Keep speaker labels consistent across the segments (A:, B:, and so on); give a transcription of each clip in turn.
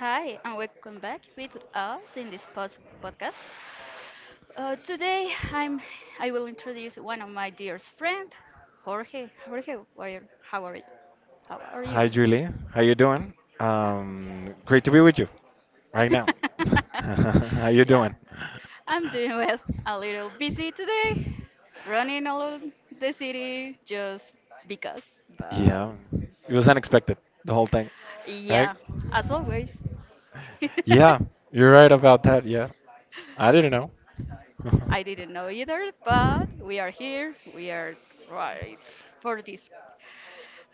A: Hi, and welcome back with us in this post podcast. Today, I will introduce one of my dearest friend, Jorge. Jorge, how are you? How are you?
B: Hi, Julie. How you doing?
A: Ah.
B: Great to be with you right now. How you
A: yeah,
B: doing?
A: I'm doing well. A little busy today, running all the city just because. But
B: Yeah, it was unexpected, the whole thing, right?
A: yeah, as always.
B: Yeah, you're right about that. Yeah, I didn't know.
A: I didn't know either, but we are here. We are right for this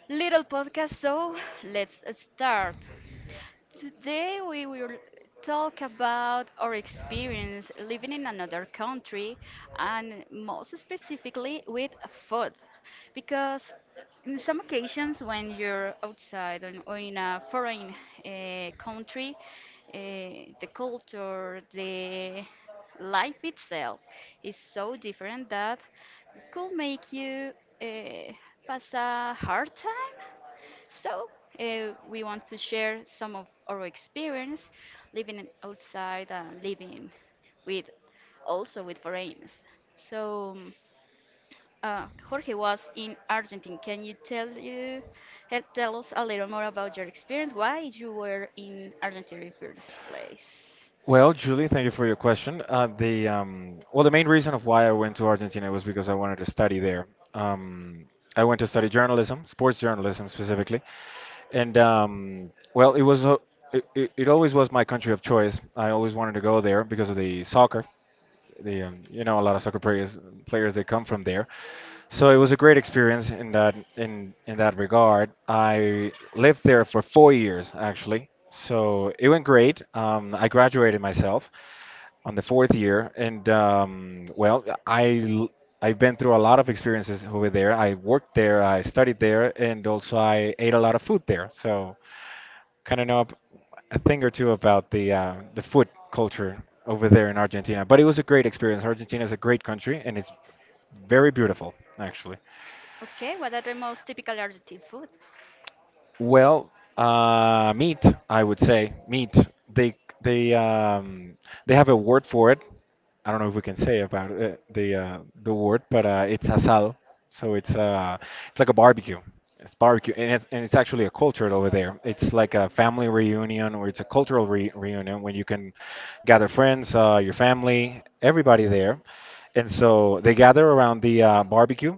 A: little podcast. So let's start. Today we will talk about our experience living in another country and most specifically with food. Because in some occasions when you're outside or in a foreign country, the culture, the life itself is so different that could make you uh, pass a hard time so, we want to share some of our experience living outside and living with also with foreigners. So, Jorge was in Argentina. Can you tell us a little more about your experience? Why you were in Argentina in first place?
B: Well, Julie, thank you for your question. The Well, the main reason of why I went to Argentina was because I wanted to study there. Um, I went to study journalism, sports journalism specifically, and well, it was it, it it always was my country of choice. I always wanted to go there because of the soccer. The You know, a lot of soccer players they come from there. So it was a great experience in that regard. I lived there for 4 years actually. So it went great. I graduated myself on the fourth year, and well, I've been through a lot of experiences over there. I worked there, I studied there, and also I ate a lot of food there. So kind of know ab- a thing or two about the food culture over there in Argentina. But it was a great experience. Argentina is a great country, and it's very beautiful, actually.
A: Okay, what are the most typical Argentine food?
B: Well, meat, I would say meat. They they they have a word for it. I don't know if we can say about it, the word, but it's asado. So it's like a barbecue. It's barbecue, and it's actually a culture over there. It's like a family reunion or it's a cultural re reunion when you can gather friends, your family, everybody there, and so they gather around the barbecue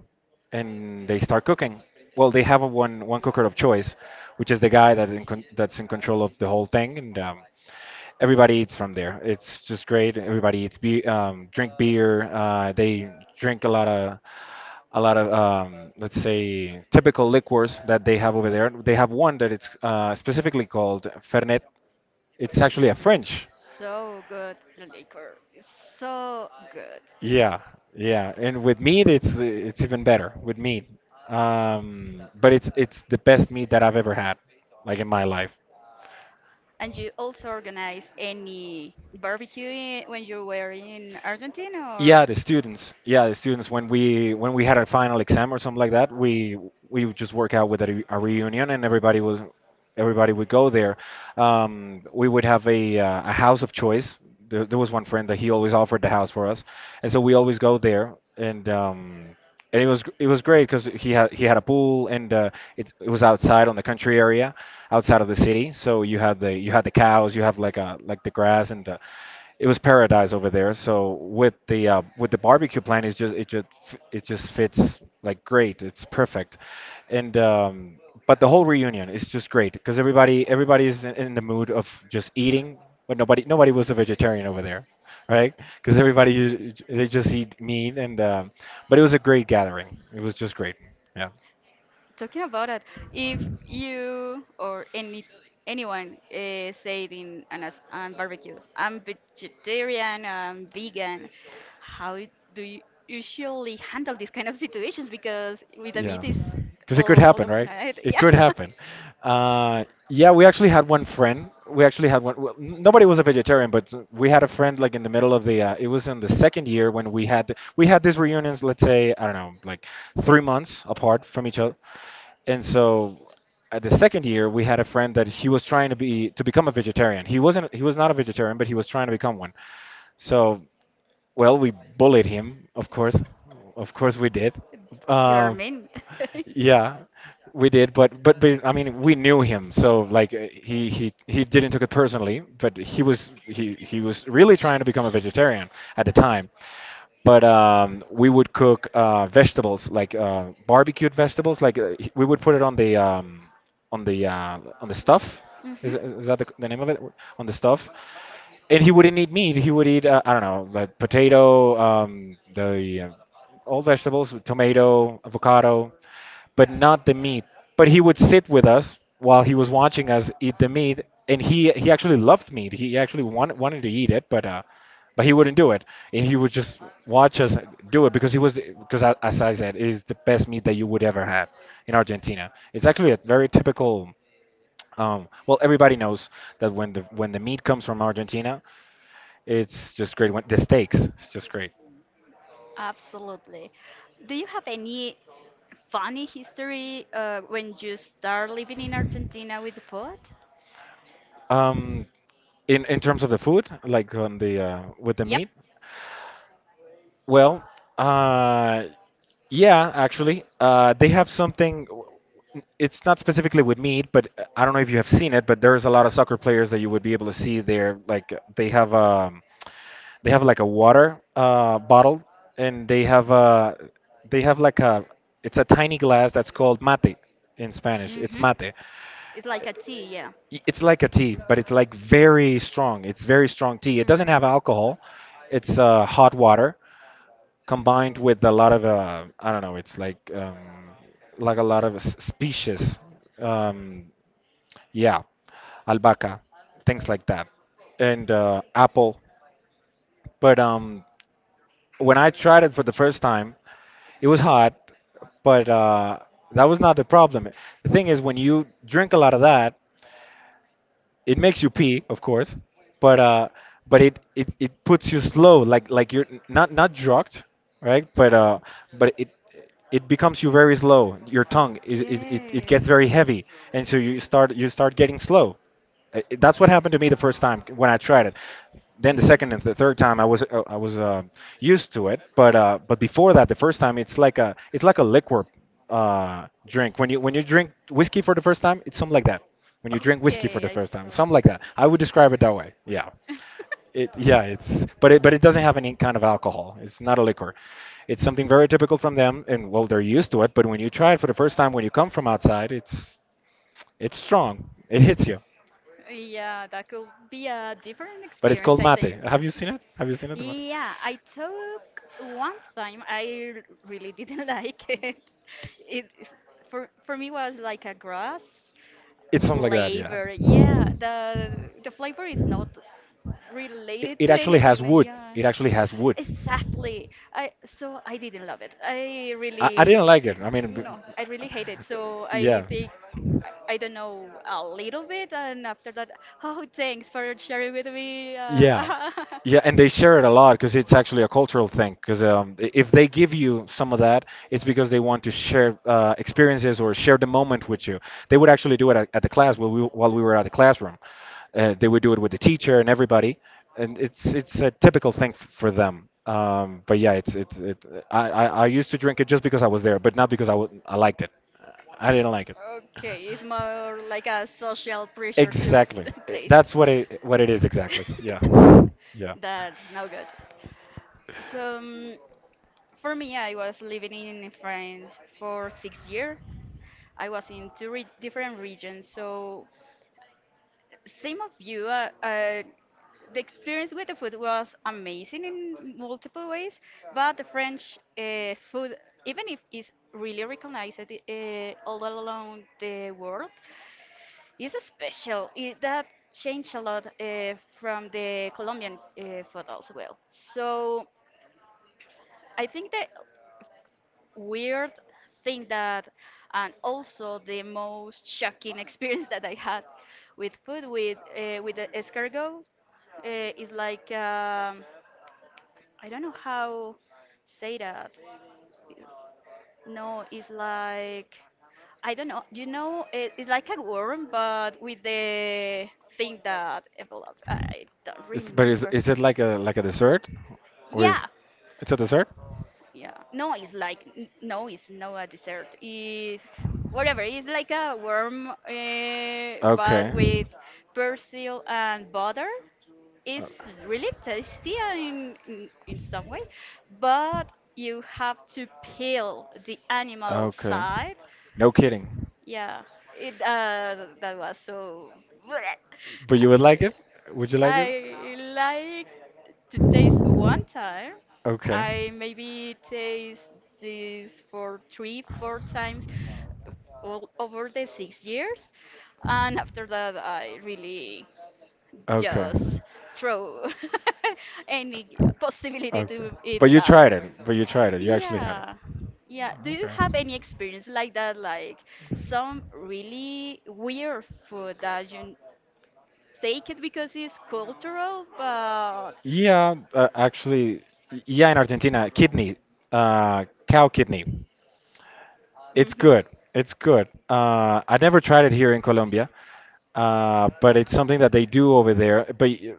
B: and they start cooking. Well, they have a one one cooker of choice, which is the guy that's that's in control of the whole thing, and everybody eats from there. It's just great. Everybody drink beer. They drink a lot of let's say typical liquors that they have over there. They have one that it's specifically called Fernet. It's actually a French.
A: So good, the liquor is so good.
B: Yeah, yeah, and with meat, it's even better with meat. But it's the best meat that I've ever had, like in my life.
A: And you also organize any barbecue when you were in Argentina
B: Yeah,
A: or
B: the students. Yeah, the students. When we had our final exam or something like that, we would just work out with a reunion, and everybody would go there. We would have a house of choice. There was one friend that he always offered the house for us, and so we always go there. And it it was great because he had a pool and it was outside on the country area, outside of the city. So you had the cows, you have like the grass and the, it was paradise over there. So with the barbecue plan, it just fits like great. It's perfect, and but the whole reunion is just great because everybody's in the mood of just eating, but nobody was a vegetarian over there, right? Because everybody they just eat meat and but it was a great gathering. It was just great. Yeah.
A: talking about it, if you or anyone said in on barbecue, I'm vegetarian, I'm vegan, how do you usually handle these kind of situations? Because with the
B: Yeah,
A: meat is
B: because it could
A: all
B: happen,
A: of
B: right?
A: night,
B: It
A: yeah,
B: could happen. Yeah, we actually had one friend. We actually had one. Well, nobody was a vegetarian, but we had a friend like in the middle of the. It was in the second year when we we had these reunions. Let's say I don't know, like 3 months apart from each other. And so, at the second year, we had a friend that he was trying to become a vegetarian. He wasn't. He was not a vegetarian, but he was trying to become one. So. Well, we bullied him, of course. Of course we did.
A: you're
B: Uh,
A: mean.
B: yeah, we did. But I mean, we knew him, so like uh, he didn't took it personally. But he was really trying to become a vegetarian at the time. But we would cook vegetables, like barbecued vegetables. Like we would put it on the on the on the stuff.
A: hmm.
B: Is that the name of it? On the stuff, and he wouldn't eat meat. He would eat I don't know, like potato, the all vegetables, tomato, avocado, but not the meat. But he would sit with us while he was watching us eat the meat, and he actually loved meat. He actually wanted to eat it, but he wouldn't do it, and he would just watch us do it because he was because as I said, it is the best meat that you would ever have in Argentina. It's actually a very typical. Well, everybody knows that when the meat comes from Argentina, it's just great. When the steaks, it's just great.
A: Absolutely. Do you have any funny history when you start living in Argentina with the food?
B: Um, in terms of the food, like on the with the
A: Yep.
B: meat. Well, uh, yeah, actually, they have something. It's not specifically with meat, but I don't know if you have seen it, but there's a lot of soccer players that you would be able to see there. Like they have like a water bottle, and they have like a it's a tiny glass that's called mate in Spanish. It's
A: Mm-hmm.
B: mate.
A: It's like a tea, yeah. Mhm.
B: It's like a tea, but it's like very strong. It's very strong tea. It doesn't have alcohol. It's hot water combined with a lot of I don't know. It's like a lot of species. Um, yeah, albahaca, things like that, and apple. But when I tried it for the first time, it was hot, but that was not the problem. The thing is, when you drink a lot of that, it makes you pee, of course, but uh, but it puts you slow, like you're not not drugged, right? But it becomes you very slow. Your tongue is it gets very heavy, and so you start getting slow. That's what happened to me the first time when I tried it. Then the second and the third time I was used to it, but before that, the first time it's like a liquor drink. When you drink whiskey for the first time, it's something like that. When you
A: Okay. Mhm.
B: drink whiskey for
A: Okay,
B: the
A: I
B: first time,
A: saw.
B: something like that. I would describe it that way. Yeah. It yeah, it's but it doesn't have any kind of alcohol. It's not a liquor. It's something very typical from them, and well, they're used to it. But when you try it for the first time, when you come from outside, it's strong. It hits you.
A: Yeah, that could be a different
B: But it's
A: experience,
B: called
A: I
B: mate.
A: think.
B: Have you seen it? Have you seen it, the mate?
A: Yeah, I took one time. Really didn't like it. It for me was like a grass
B: It's something like that, yeah.
A: flavor. Yeah, the flavor is not
B: It,
A: related
B: it
A: to
B: actually has
A: anything.
B: wood.
A: Yeah,
B: It actually has wood.
A: exactly. I So I didn't love it. I
B: I
A: really
B: didn't like
A: d-
B: it.
A: no, I really hate it. So
B: Yeah.
A: I think I don't know a little bit, and after that, oh, thanks for sharing with me.
B: Yeah. Yeah, and they share it a lot because it's actually a cultural thing. Because if they give you some of that, it's because they want to share experiences or share the moment with you. They would actually do it at the class while we were at the classroom. They would do it with the teacher and everybody, and it's a typical thing for them. But yeah, it's it. I used to drink it just because I was there, but not because I liked it. I didn't like it.
A: Okay, it's more like a social pressure to
B: Exactly.
A: taste.
B: That's what it is exactly. Yeah.
A: That's no good. So for me, I was living in France for 6 years. I was in two different regions. So same of you. The experience with the food was amazing in multiple ways, but the French food, even if it's really recognized all along the world, is special. That changed a lot from the Colombian food as well. So I think that weird thing that, and also the most shocking experience that I had with food with the escargot is like I don't know how say that. No, it's like I don't know. You know, it's like a worm, but with the thing that envelope. I don't
B: It's, but
A: remember.
B: is it like a dessert, or is
A: Yeah.
B: it's a dessert?
A: Yeah. No, it's like no, it's not a dessert. It's whatever. It's like a worm, but
B: Okay.
A: with persil and butter.
B: Uh,
A: It's really tasty in some way, but you have to peel the animal
B: Okay.
A: outside
B: No kidding.
A: yeah, it that was so.
B: But you would like it? Would you like it?
A: I like to taste one time. I
B: Okay.
A: maybe taste this for three, four times all over the 6 years, and after that I really
B: Okay.
A: just throw any possibility
B: Okay.
A: to eat
B: But you
A: that.
B: tried it. But you tried it. You actually had it.
A: Yeah. Yeah. Do you have any experience like that? Like some really weird food that you take it because it's cultural, but.
B: Yeah, actually, yeah, in Argentina, kidney, cow kidney. It's
A: Hmm.
B: good. It's good. I never tried it here in Colombia, but it's something that they do over there. But y-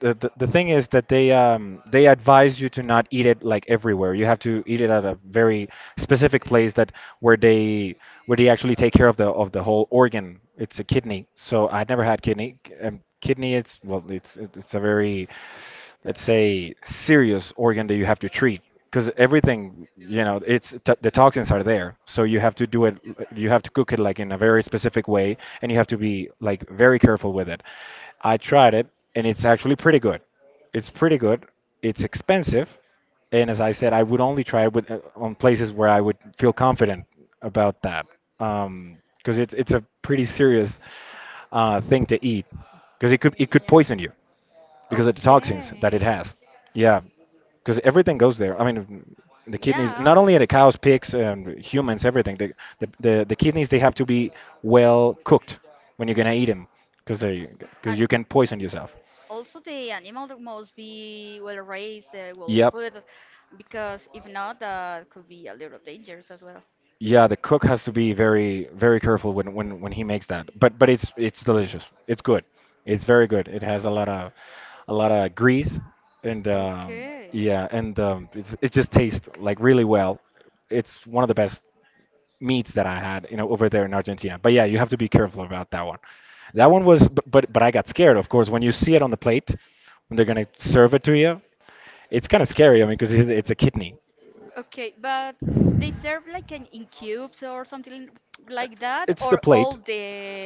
B: the, the, the thing is that they advise you to not eat it like everywhere. You have to eat it at a very specific place that where they where they actually take care of the whole organ. It's a kidney. So I never had kidney. Kidney, it's, well, it's a very, let's say, serious organ that you have to treat because everything, it's the toxins are there, so you have to do it. You have to cook it like in a very specific way, and you have to be like very careful with it. I tried it, and it's actually pretty good. It's pretty good. It's expensive. And as I said, I would only try it with, on places where I would feel confident about that, because it's a pretty serious thing to eat because it could poison you because of the toxins that it
A: Okay.
B: has. Yeah, because everything goes there. I mean, the kidneys,
A: Yeah.
B: not only the cows, pigs, and humans, everything. The kidneys, they have to be well cooked when you're gonna eat them, because you
A: And
B: can poison yourself.
A: also, the animal that must be well raised, well
B: Yep.
A: fed, because if not, that could be a little dangerous as well.
B: Yeah, the cook has to be very, very careful when he makes that. But it's delicious. It's good. It's very good. It has a lot of grease, and
A: Okay.
B: yeah, and it just tastes like really well. It's one of the best meats that I had, over there in Argentina. But yeah, you have to be careful about that one. That one was, but I got scared, of course, when you see it on the plate, when they're gonna serve it to you. It's kind of scary. I mean, because it's a kidney.
A: Okay, but they serve like an in cubes or something like that,
B: It's the
A: or all
B: plate,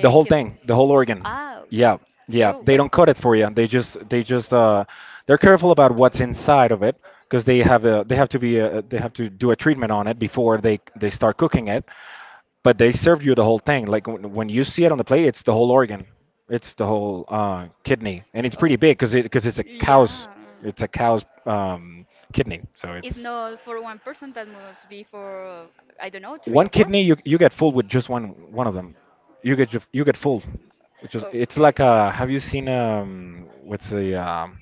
B: the whole thing, the whole organ.
A: Ah.
B: Yeah, yeah.
A: You.
B: They don't cut it for you. They're careful about what's inside of it because they have to do a treatment on it before they start cooking it. But they serve you the whole thing. Like when you see it on the plate, it's the whole organ. It's the whole kidney, and it's pretty big because it because it's a
A: Yeah.
B: cow's kidney. So it's
A: It's not for one person, that must be for, I don't know, three
B: one
A: or four.
B: kidney, you get full with just one of them. You get full, which is
A: Oh,
B: it's like a have you seen, what's the,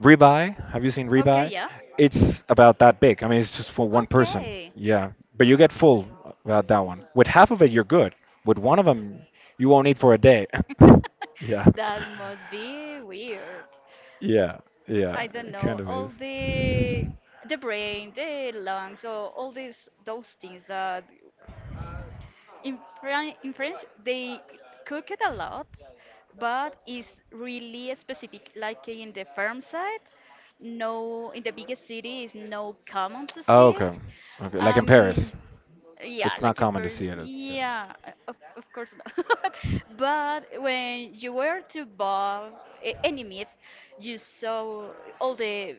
B: ribeye? Have you seen
A: okay,
B: ribeye?
A: yeah.
B: It's about that big. I mean, it's just for one person.
A: Okay.
B: Yeah, but you get full about that one. With half of it, you're good. With one of them, you won't eat for a day. Yeah,
A: That must be weird.
B: yeah, yeah.
A: I don't
B: It kind
A: know.
B: of
A: All
B: is.
A: the brain, the lungs, so all these those things that in, in French, they cook it a lot, but it's really specific. Like in the farm side, no, in the biggest city is no common to
B: Oh,
A: see.
B: okay. Okay. Like in Paris,
A: Um, yeah,
B: it's not
A: like in
B: common to
A: person,
B: see it.
A: yeah, of course not. But when you were to buy any meat, you saw all the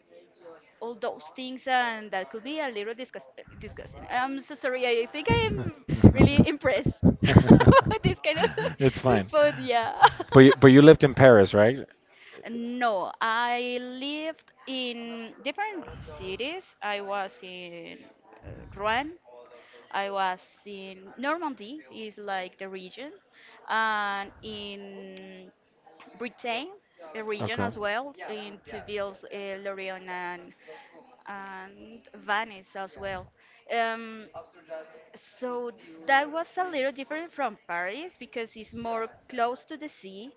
A: all those things, and that could be a little disgusting. I'm so sorry. I think I
B: Yeah.
A: am really impressed with this kind
B: It's
A: of
B: fine.
A: food. Yeah.
B: But you lived in Paris, right?
A: No, I lived in different cities. I was in Rouen. I was in Normandy, is like the region, and in Britain, a region
B: Okay.
A: as well, in Tuvilles, Lorient and Venice as well. Um, so that was a little different from Paris because it's more close to the sea,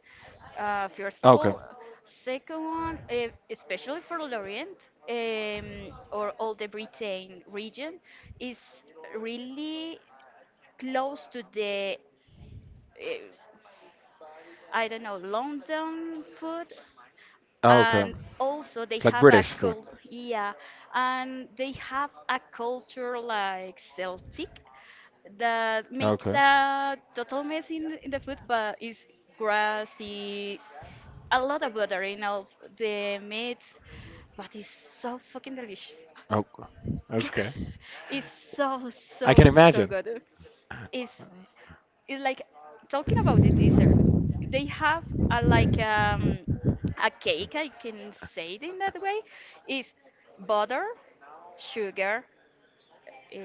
A: first of
B: Okay.
A: all. Second one, eh, especially for Lorient or all the Britain region, is really close to the, eh, I don't know, London food
B: Oh, okay.
A: and also they
B: It's like
A: have a
B: British food.
A: cult yeah and they have a culture like celtic that
B: Ah,
A: makes
B: okay.
A: a total mess in the food but it's grassy a lot of butter in all of the meat but it's so fucking delicious.
B: Oh, okay.
A: It's so
B: I can
A: so so
B: imagine.
A: good. it's it's like talking about the dessert they have a like a cake I can say it in that way is butter sugar uh,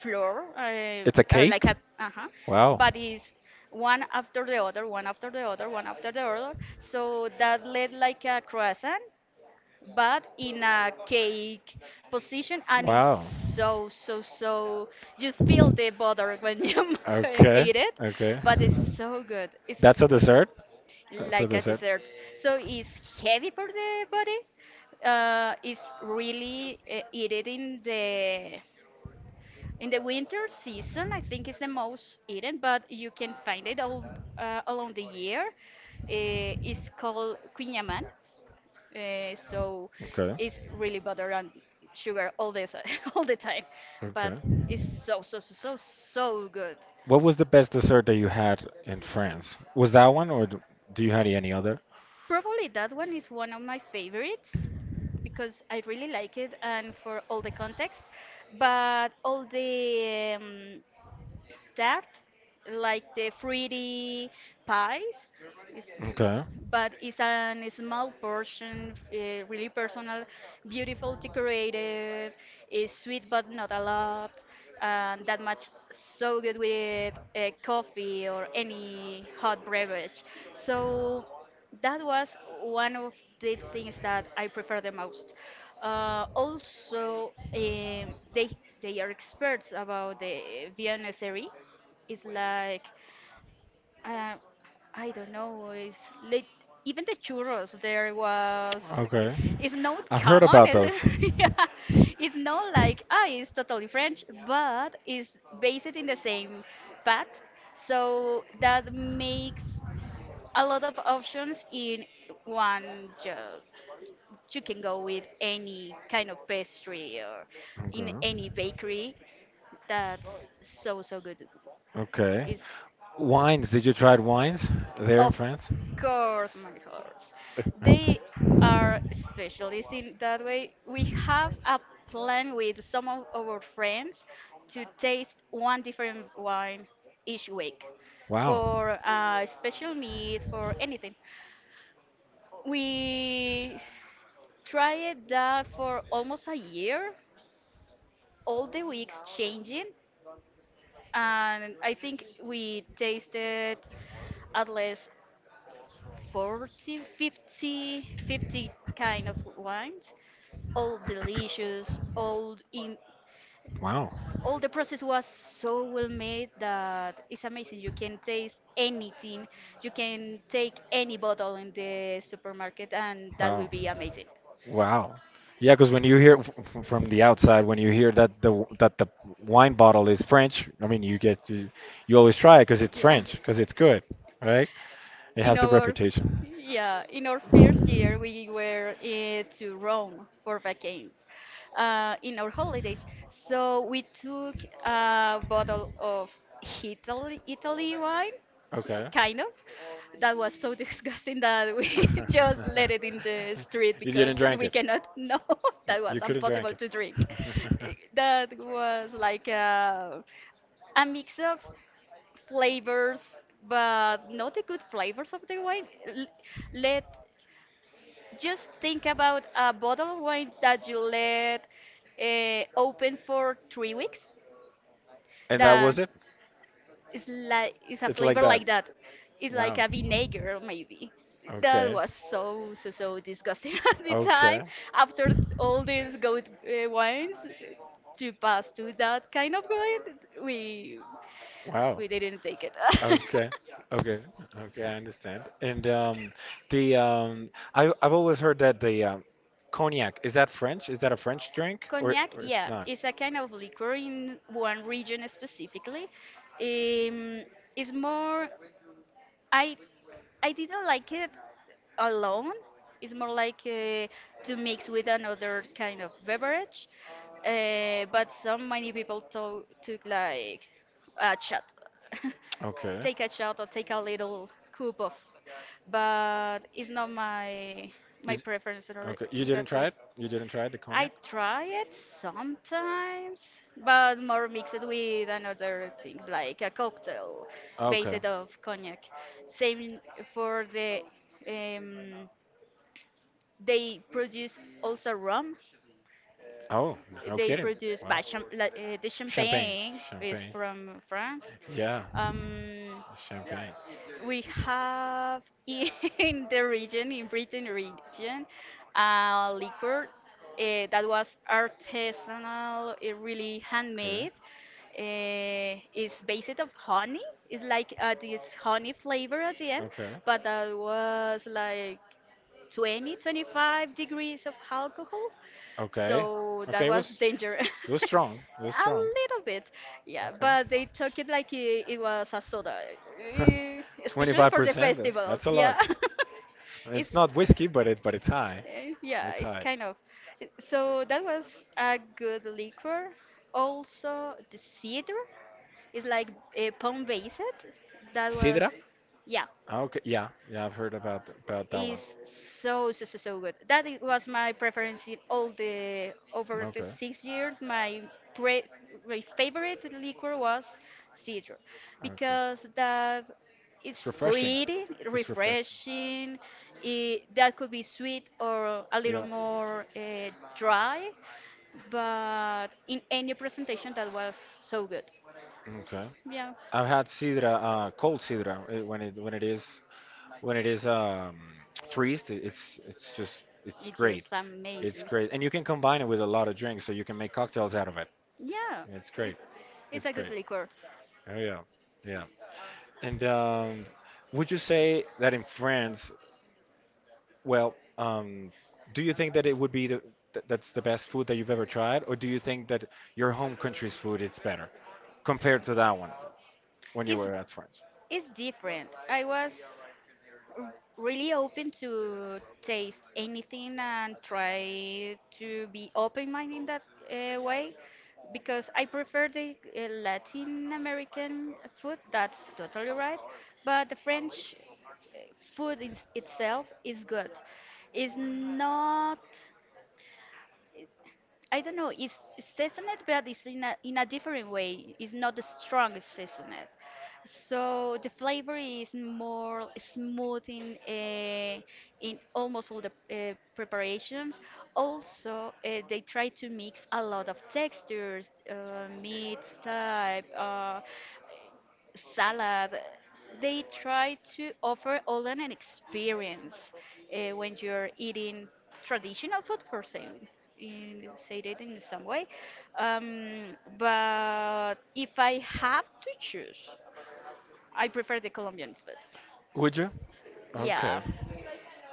A: flour
B: It's a cake?
A: like a uh-huh
B: Wow.
A: but is one after the other one after the other one after the other so that led like a croissant but in a cake position and it's
B: Wow.
A: so so so you feel the butter when you
B: Okay,
A: eat it
B: okay.
A: but it's so good it's
B: That's a dessert? That's a
A: like a
B: dessert.
A: dessert so it's heavy for the body, it's really eaten in the winter season. I think it's the most eaten but you can find it all along the year. It's called quinyaman, so
B: Okay.
A: it's really butter and sugar all the all the time, but
B: Okay.
A: it's so so so so so good.
B: What was the best dessert that you had in France? Was that one, or do you had any other?
A: Probably that one is one of my favorites because I really like it and for all the context, but all the that like the fruity pies. It's,
B: Okay.
A: but it's a small portion, really personal, beautiful, decorated, is sweet but not a lot, and that much so good with coffee or any hot beverage. So that was one of the things that I prefer the most. Also, they are experts about the Vienna series. It's like uh, I don't know. It's lit even the churros there was.
B: Okay.
A: It's not
B: I've heard
A: common.
B: about
A: It's,
B: those.
A: yeah, it's not like ah, it's totally French, but it's based in the same path. So that makes a lot of options in one job. You can go with any kind of pastry or in any bakery. That's so so good.
B: Okay.
A: It's
B: Wines. Did you try wines there in
A: of
B: France?
A: course, my horse. They are specialists in that way. We have a plan with some of our friends to taste one different wine each week
B: Wow.
A: for a special meat, for anything. We tried that for almost a year, all the weeks changing, and I think we tasted at least 40, kind of wines. All delicious, all in
B: Wow.
A: all the process was so well made that it's amazing. You can taste anything. You can take any bottle in the supermarket and that will
B: Wow.
A: be amazing.
B: Wow. Yeah, because when you hear, from the outside, when you hear that that the wine bottle is French, I mean, you always try it because it's
A: Yeah.
B: French, because it's good, right? It
A: in
B: has the
A: our
B: reputation.
A: yeah in our first year we were to rome for vacations, in our holidays, so we took a bottle of italy, wine
B: Okay.
A: kind of that was so disgusting that we just let it in the street
B: You
A: because
B: didn't drink
A: we
B: it.
A: cannot know that was
B: You couldn't drink
A: impossible to drink.
B: it.
A: Eh, that was like a mix of flavors, but not the good flavors of the wine. Let just think about a bottle of wine that you let open for 3 weeks.
B: And that was
A: That
B: it.
A: is like is a
B: It's like
A: flavor
B: that.
A: like that. It's like
B: Wow.
A: a vinegar maybe. That
B: Okay.
A: was so so so disgusting at the
B: Okay.
A: time. After all these good wines, to pass to that kind of wine, we
B: Wow.
A: we didn't take it.
B: Okay. Okay. Okay, I understand. And the I've always heard that the cognac, is that French? Is that a French drink, or
A: Cognac,
B: it's
A: yeah,
B: not?
A: it's a kind of liquor in one region specifically. Um, it's more. I I didn't like it alone. It's more like to mix with another kind of beverage. But so many people took like a shot,
B: Okay.
A: take a shot or take a little cup of. But it's not my my
B: It,
A: preference
B: Okay, you
A: in
B: didn't
A: that
B: try
A: way.
B: it? You didn't try it, the
A: I
B: cognac?
A: try it sometimes, but more mixed with another things like a cocktail
B: Okay.
A: based of cognac. Same for the um, they produce also rum.
B: Oh, no
A: They
B: kidding.
A: produce
B: Wow.
A: by the
B: Champagne.
A: champagne is
B: Champagne.
A: from France.
B: Yeah,
A: Um,
B: champagne.
A: We have in the region, in Britain region, a liquor that was artisanal, really
B: Okay.
A: handmade. It's based of honey. It's like this honey flavor at the end,
B: Okay.
A: but that was like 20, 25 degrees of alcohol.
B: Okay.
A: So
B: So,
A: that
B: okay,
A: was
B: it
A: danger.
B: it was strong. It was
A: A
B: strong.
A: little bit, yeah,
B: Okay.
A: but they took it like it was a soda, especially for the
B: 25%, then.
A: festivals.
B: That's a lot.
A: Yeah,
B: I mean,
A: it's
B: it's not whiskey, but it but it's high.
A: Yeah,
B: It's
A: it's
B: high.
A: kind of. So that was a good liquor. Also, the cedar is like a palm based. That was,
B: Sidra?
A: yeah,
B: Okay, yeah, yeah, I've heard about that
A: is
B: one.
A: so so so so good. That it was my preference in all the over the
B: Okay,
A: 6 years. Pre, my favorite liquor was cedar
B: okay.
A: because that is
B: It's refreshing.
A: fruity,
B: It's refreshing.
A: refreshing. That could be sweet or a little
B: Yeah.
A: more dry, but in any presentation that was so good.
B: Okay.
A: Yeah,
B: I've had sidra, cold sidra, when it is, freezed, it's just, it's
A: it's
B: great.
A: just
B: It's
A: amazing.
B: great, and you can combine it with a lot of drinks, so you can make cocktails out of it.
A: Yeah,
B: It's
A: it,
B: great.
A: it's
B: It's
A: a good
B: great.
A: liquor.
B: Oh yeah, yeah. And would you say that in France, well, do you think that it would be the, th that's the best food that you've ever tried, or do you think that your home country's food is better compared to that one when you
A: It's
B: were at France?
A: it's different. I was really open to taste anything and try to be open-minded in that way because I prefer the Latin American food. That's totally right. But the French food itself is good. It's not. I don't know, it's seasoned, but it's in in a different way. It's not the strongest seasoned. So the flavor is more smooth in almost all the preparations. Also, they try to mix a lot of textures, meat type. Salad. They try to offer all an experience when you're eating traditional food, for saying say it in some way. But if I have to choose, I prefer the Colombian food.
B: Would you? Okay.
A: Yeah.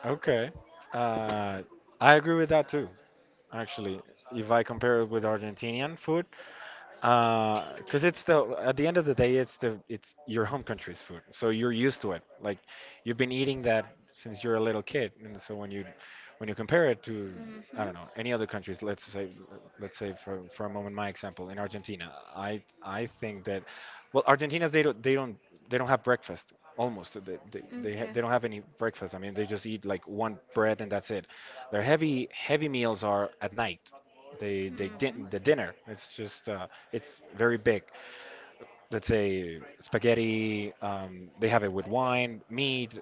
B: Okay. Uh, I agree with that too. Actually, if I compare it with Argentinian food, because it's the at the end of the day, it's your home country's food, so you're used to it. Like, you've been eating that since you're a little kid, and so when you compare it to, I don't know,
A: Hmm.
B: any other countries, let's say, for a moment, my example in Argentina, I think that, well, Argentinians, they don't have breakfast. Almost
A: Okay.
B: they don't have any breakfast. I mean, they just eat like one bread, and that's it. Their heavy meals are at night.
A: Mhm.
B: The dinner. It's just, it's very big.
A: Although
B: Let's say spaghetti. They have it with wine, meat.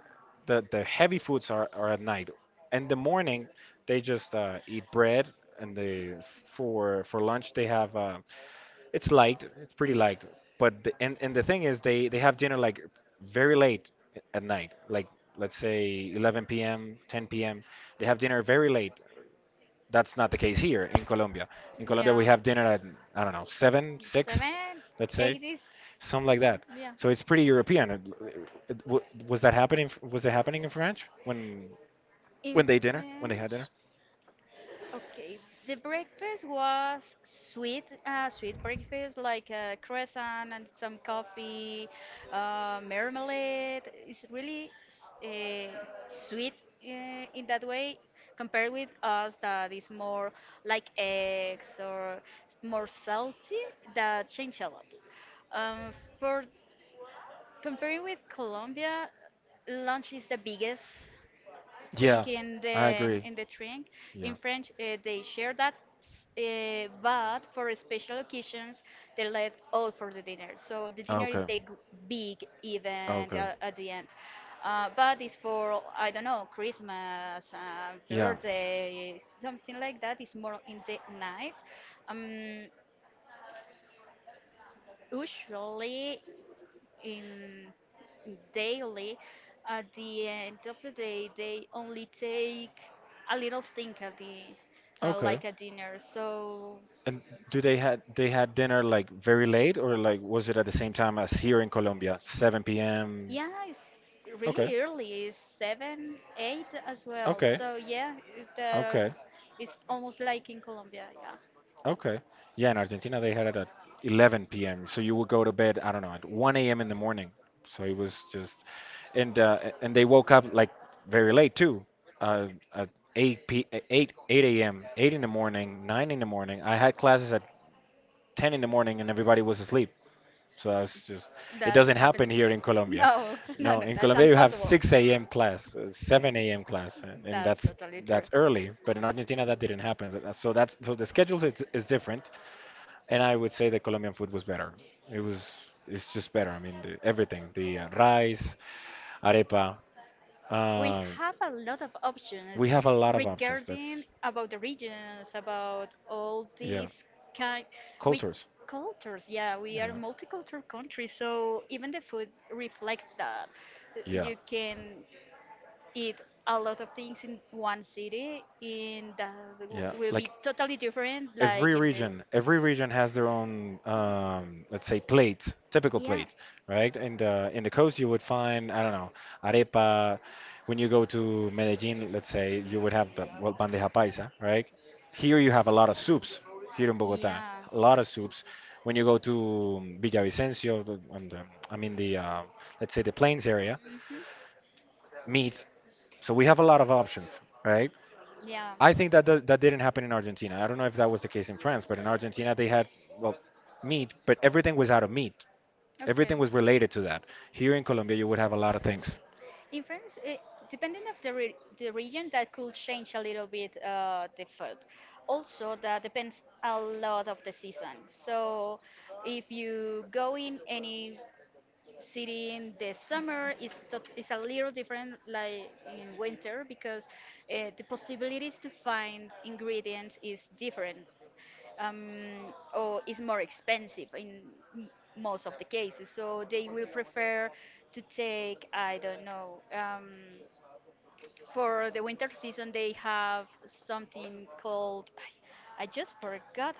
B: The heavy foods are at night. In the morning, they just eat bread, and they for lunch they have. It's light. It's pretty light. And the thing is, they have dinner, like, very late at night. Like, let's say, 11 p.m., 10 p.m. They have dinner very late. That's not the case here in Colombia. In Colombia, we have dinner at, I don't know, seven, six, let's say, something like that.
A: yeah.
B: So it's pretty European. It- it- w- was that happening? Was it happening in France
A: In
B: when they dinner when they had dinner?
A: okay, the breakfast was sweet, sweet breakfast like a croissant and some coffee, marmalade. It's really sweet in that way compared with us that is more like eggs or more salty. That changed a lot. For comparing with Colombia, lunch is the biggest
B: Yeah,
A: sink
B: I agree.
A: in the drink.
B: Yeah.
A: In French, they share that, but for special occasions, they let all for the dinner. So the dinner is the
B: Okay.
A: big event
B: Okay.
A: at the end. But it's for I don't know Christmas,
B: Yeah.
A: birthday, something like that. It's more in the night. Um, usually in daily at the end of the day they only take a little thing at the
B: Okay.
A: like a dinner so
B: And do they had dinner like very late, or, like, was it at the same time as here in Colombia, 7 p.m.?
A: yeah it's
B: Okay.
A: really early it's seven eight as well
B: Okay,
A: so yeah
B: okay,
A: it's almost like in Colombia. Yeah,
B: okay. Yeah, in Argentina they had it at 11 p.m. So you would go to bed, I don't know, at 1 a.m. in the morning. So it was just, and and they woke up like very late too, uh, at 8 p. 8 8 a.m. 8 in the morning, 9 in the morning. I had classes at 10 in the morning, and everybody was asleep. So that's just, it doesn't
A: that
B: happen here in Colombia.
A: no no
B: No,
A: no
B: in
A: that's
B: Colombia you have
A: impossible.
B: 6 a.m. class, 7 a.m. class, and
A: That's
B: that's
A: totally true.
B: that's early. But in Argentina that didn't happen. So the schedule is different. And I would say the Colombian food was better. It was it's just better. I mean, everything, the, rice, arepa.
A: We
B: Uh,
A: have a lot of options
B: we have a lot of options. That's,
A: regarding about the regions, about all
B: yeah,
A: these kind we
B: cultures.
A: cultures. Yeah, we are
B: Yeah,
A: multicultural country, so even the food reflects that.
B: yeah,
A: You can eat a lot of things in one city, and that
B: yeah.
A: will
B: Like,
A: be totally different,
B: every
A: like in the
B: region every region has their own, let's say, plate, typical
A: yeah,
B: plate, right? In the coast you would find, I don't know, arepa. When you go to Medellin, let's say, you would have the, well, bandeja paisa, right? Here you have a lot of soups, here in Bogota,
A: yeah.
B: a lot of soups. When you go to, Villavicencio, I mean, the, let's say, the plains area,
A: Mhm.
B: meat. So we have a lot of options, right?
A: Yeah.
B: I think that didn't happen in Argentina. I don't know if that was the case in France, but in Argentina they had, well, meat, but everything was out of meat.
A: Okay.
B: Everything was related to that. Here in Colombia, you would have a lot of things.
A: In France, depending of the region, that could change a little bit the food. Also, that depends a lot of the season. So, if you go in any city in the summer, it's a little different like in winter because the possibilities to find ingredients is different. Or is more expensive in m- most of the cases. So they will prefer to take, I don't know, for the winter season, they have something called, I just forgot,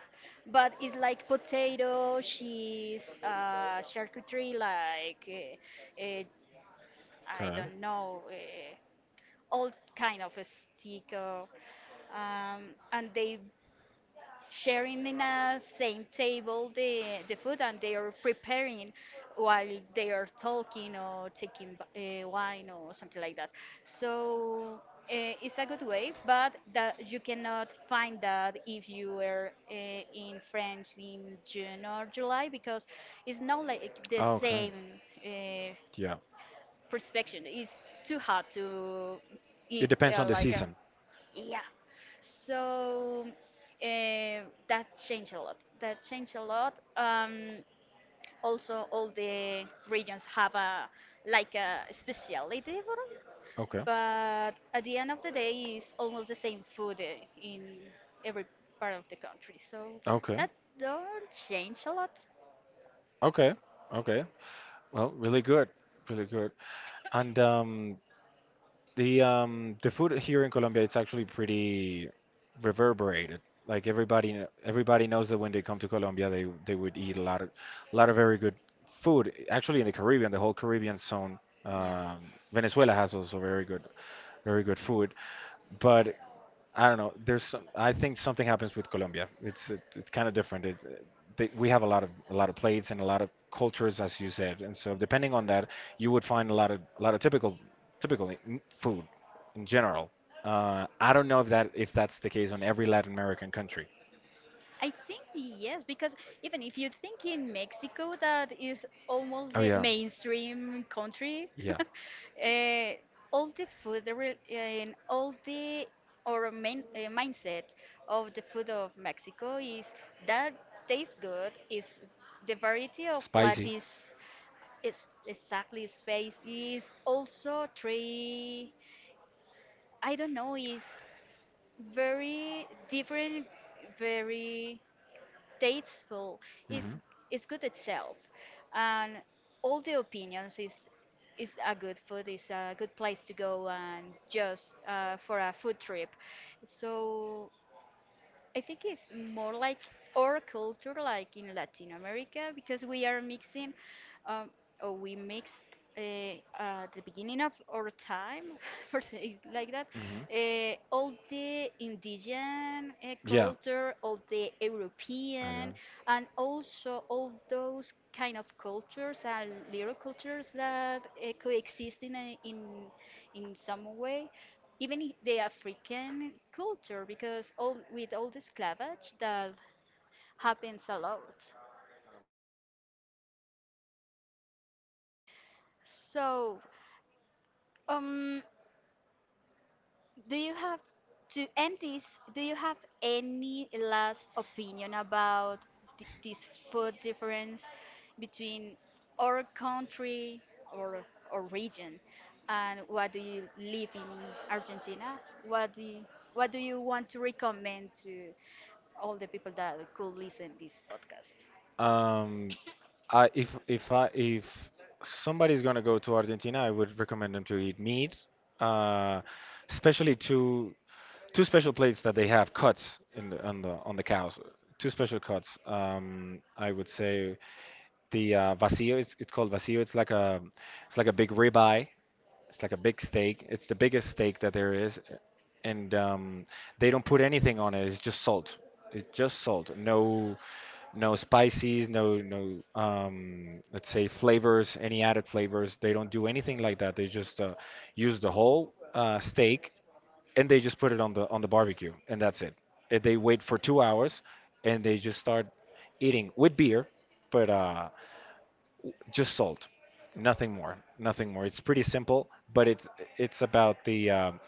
A: but it's like potato, cheese, charcuterie, uh, uh, I
B: Okay.
A: don't know, all kind of a stick. Um, and they sharing in a same table the food and they are preparing while they are talking or taking wine or something like that so it's a good way but that you cannot find that if you were in France in June or July because it's not like the
B: Okay.
A: same uh,
B: Yeah.
A: perspective. It's too hard to
B: It
A: eat
B: depends on the
A: like a
B: season.
A: yeah. So eh, that changed a lot. That changed a lot. Also, all the regions have a like a speciality for it,
B: Okay.
A: but at the end of the day, it's almost the same food in every part of the country. So
B: Okay.
A: that don't change a lot.
B: Okay. Okay. Well, really good. Really good. And the food here in Colombia, it's actually pretty reverberated. Like, everybody, everybody knows that when they come to Colombia, they would eat a lot of, very good food. Actually, in the Caribbean, the whole Caribbean zone,
A: Yeah.
B: um, Venezuela has also very good, very good food. But I don't know. I think something happens with Colombia. It's kind of different. We have a lot of plates and a lot of cultures, as you said, and so depending on that, you would find a lot of typical food in general. I don't know if that's the case on every Latin American country.
A: I think yes, because even if you think in Mexico, that is almost
B: Oh
A: the
B: yeah.
A: mainstream country,
B: Yeah.
A: uh, all the food and all the or main, mindset of the food of Mexico is that tastes good. Is the variety of plats
B: Spicy.
A: is exactly space is also three. I don't know. Is very different, very tasteful is
B: Hmm.
A: is good itself and all the opinions is a good food is a good place to go and just for a food trip so I think it's more like our culture, like in Latin America, because we are mixing, um, or we mixed at the beginning of our time, for say it like that,
B: Hmm.
A: all the indigenous yeah,
B: Yeah.
A: culture, all the
B: I
A: European,
B: know.
A: and also all those kind of cultures and little cultures that coexist in some way even the African culture, because all with all the clavage that happens a lot. So, um, do you have to end this? Do you have any last opinion about this food difference between our country or or region, and what do you live in Argentina? What do you want to recommend to all the people that could listen this podcast?
B: Um, I if I if somebody's gonna go to Argentina, I would recommend them to eat meat, uh, especially two special plates that they have, cuts in the, on the cows. Two special cuts. I would say the, vacío. It's called vacío. It's like a big ribeye. It's like a big steak. It's the biggest steak that there is. And they don't put anything on it. It's just salt. It's just salt. No, no spices. No, no. Let's say, flavors. Any added flavors. They don't do anything like that. They just use the whole, steak, and they just put it on the barbecue, and that's it. And they wait for 2 hours, and they just start eating with beer, but just salt, nothing more, nothing more. It's pretty simple, but it's about the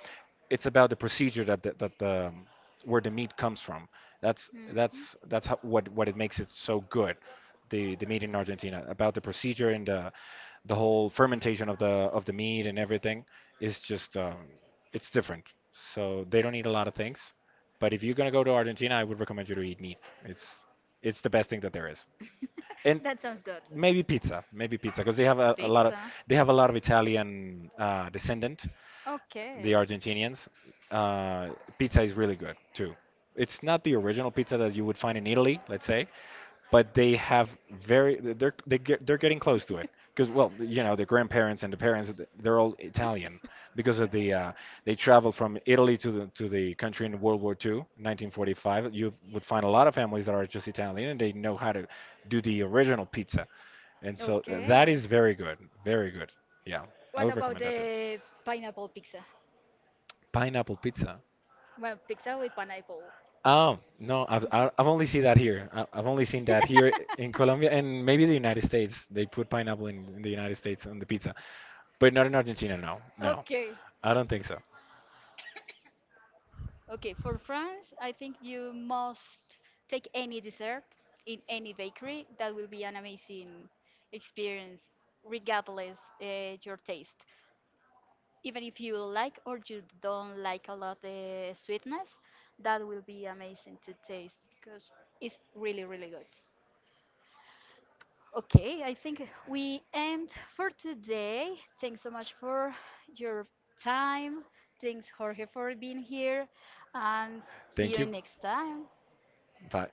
B: it's about the procedure that the where the meat comes from.
A: Mhm.
B: That's how, what it makes it so good. The meat in Argentina, about the procedure and the whole fermentation of the meat and everything, is just it's different. So they don't eat a lot of things, but if you're gonna go to Argentina, I would recommend you to eat meat. It's it's the best thing that there is. And
A: That sounds good.
B: maybe pizza, because they have a lot of Italian
A: The
B: descendant, the
A: okay.
B: Argentinians. Uh, Pizza is really good too. It's not the original pizza that you would find in Italy, let's say, but they have very they're they get, they're getting close to it because, well, the grandparents and the parents, they're all Italian because of the, they traveled from Italy to the country in World War II, 1945. You would find a lot of families that are just Italian, and they know how to do the original pizza. And so, that is very good, very good. Yeah. I
A: What
B: would recommend that too.
A: the pineapple pizza?
B: Pineapple pizza.
A: Well, pizza with pineapple.
B: Oh no, I've only seen that here. I've only seen that here in Colombia, and maybe the United States. They put pineapple in, the United States on the pizza, but not in Argentina. No, no,
A: Okay.
B: I don't think so.
A: Okay, for France, I think you must take any dessert in any bakery. That will be an amazing experience, regardless your taste. Even if you like or you don't like a lot the sweetness, that will be amazing to taste because it's really, really good. Okay, I think we end for today. Thanks so much for your time. Thanks, Jorge, for being here. And see
B: Thank
A: you
B: you.
A: next time.
B: Bye.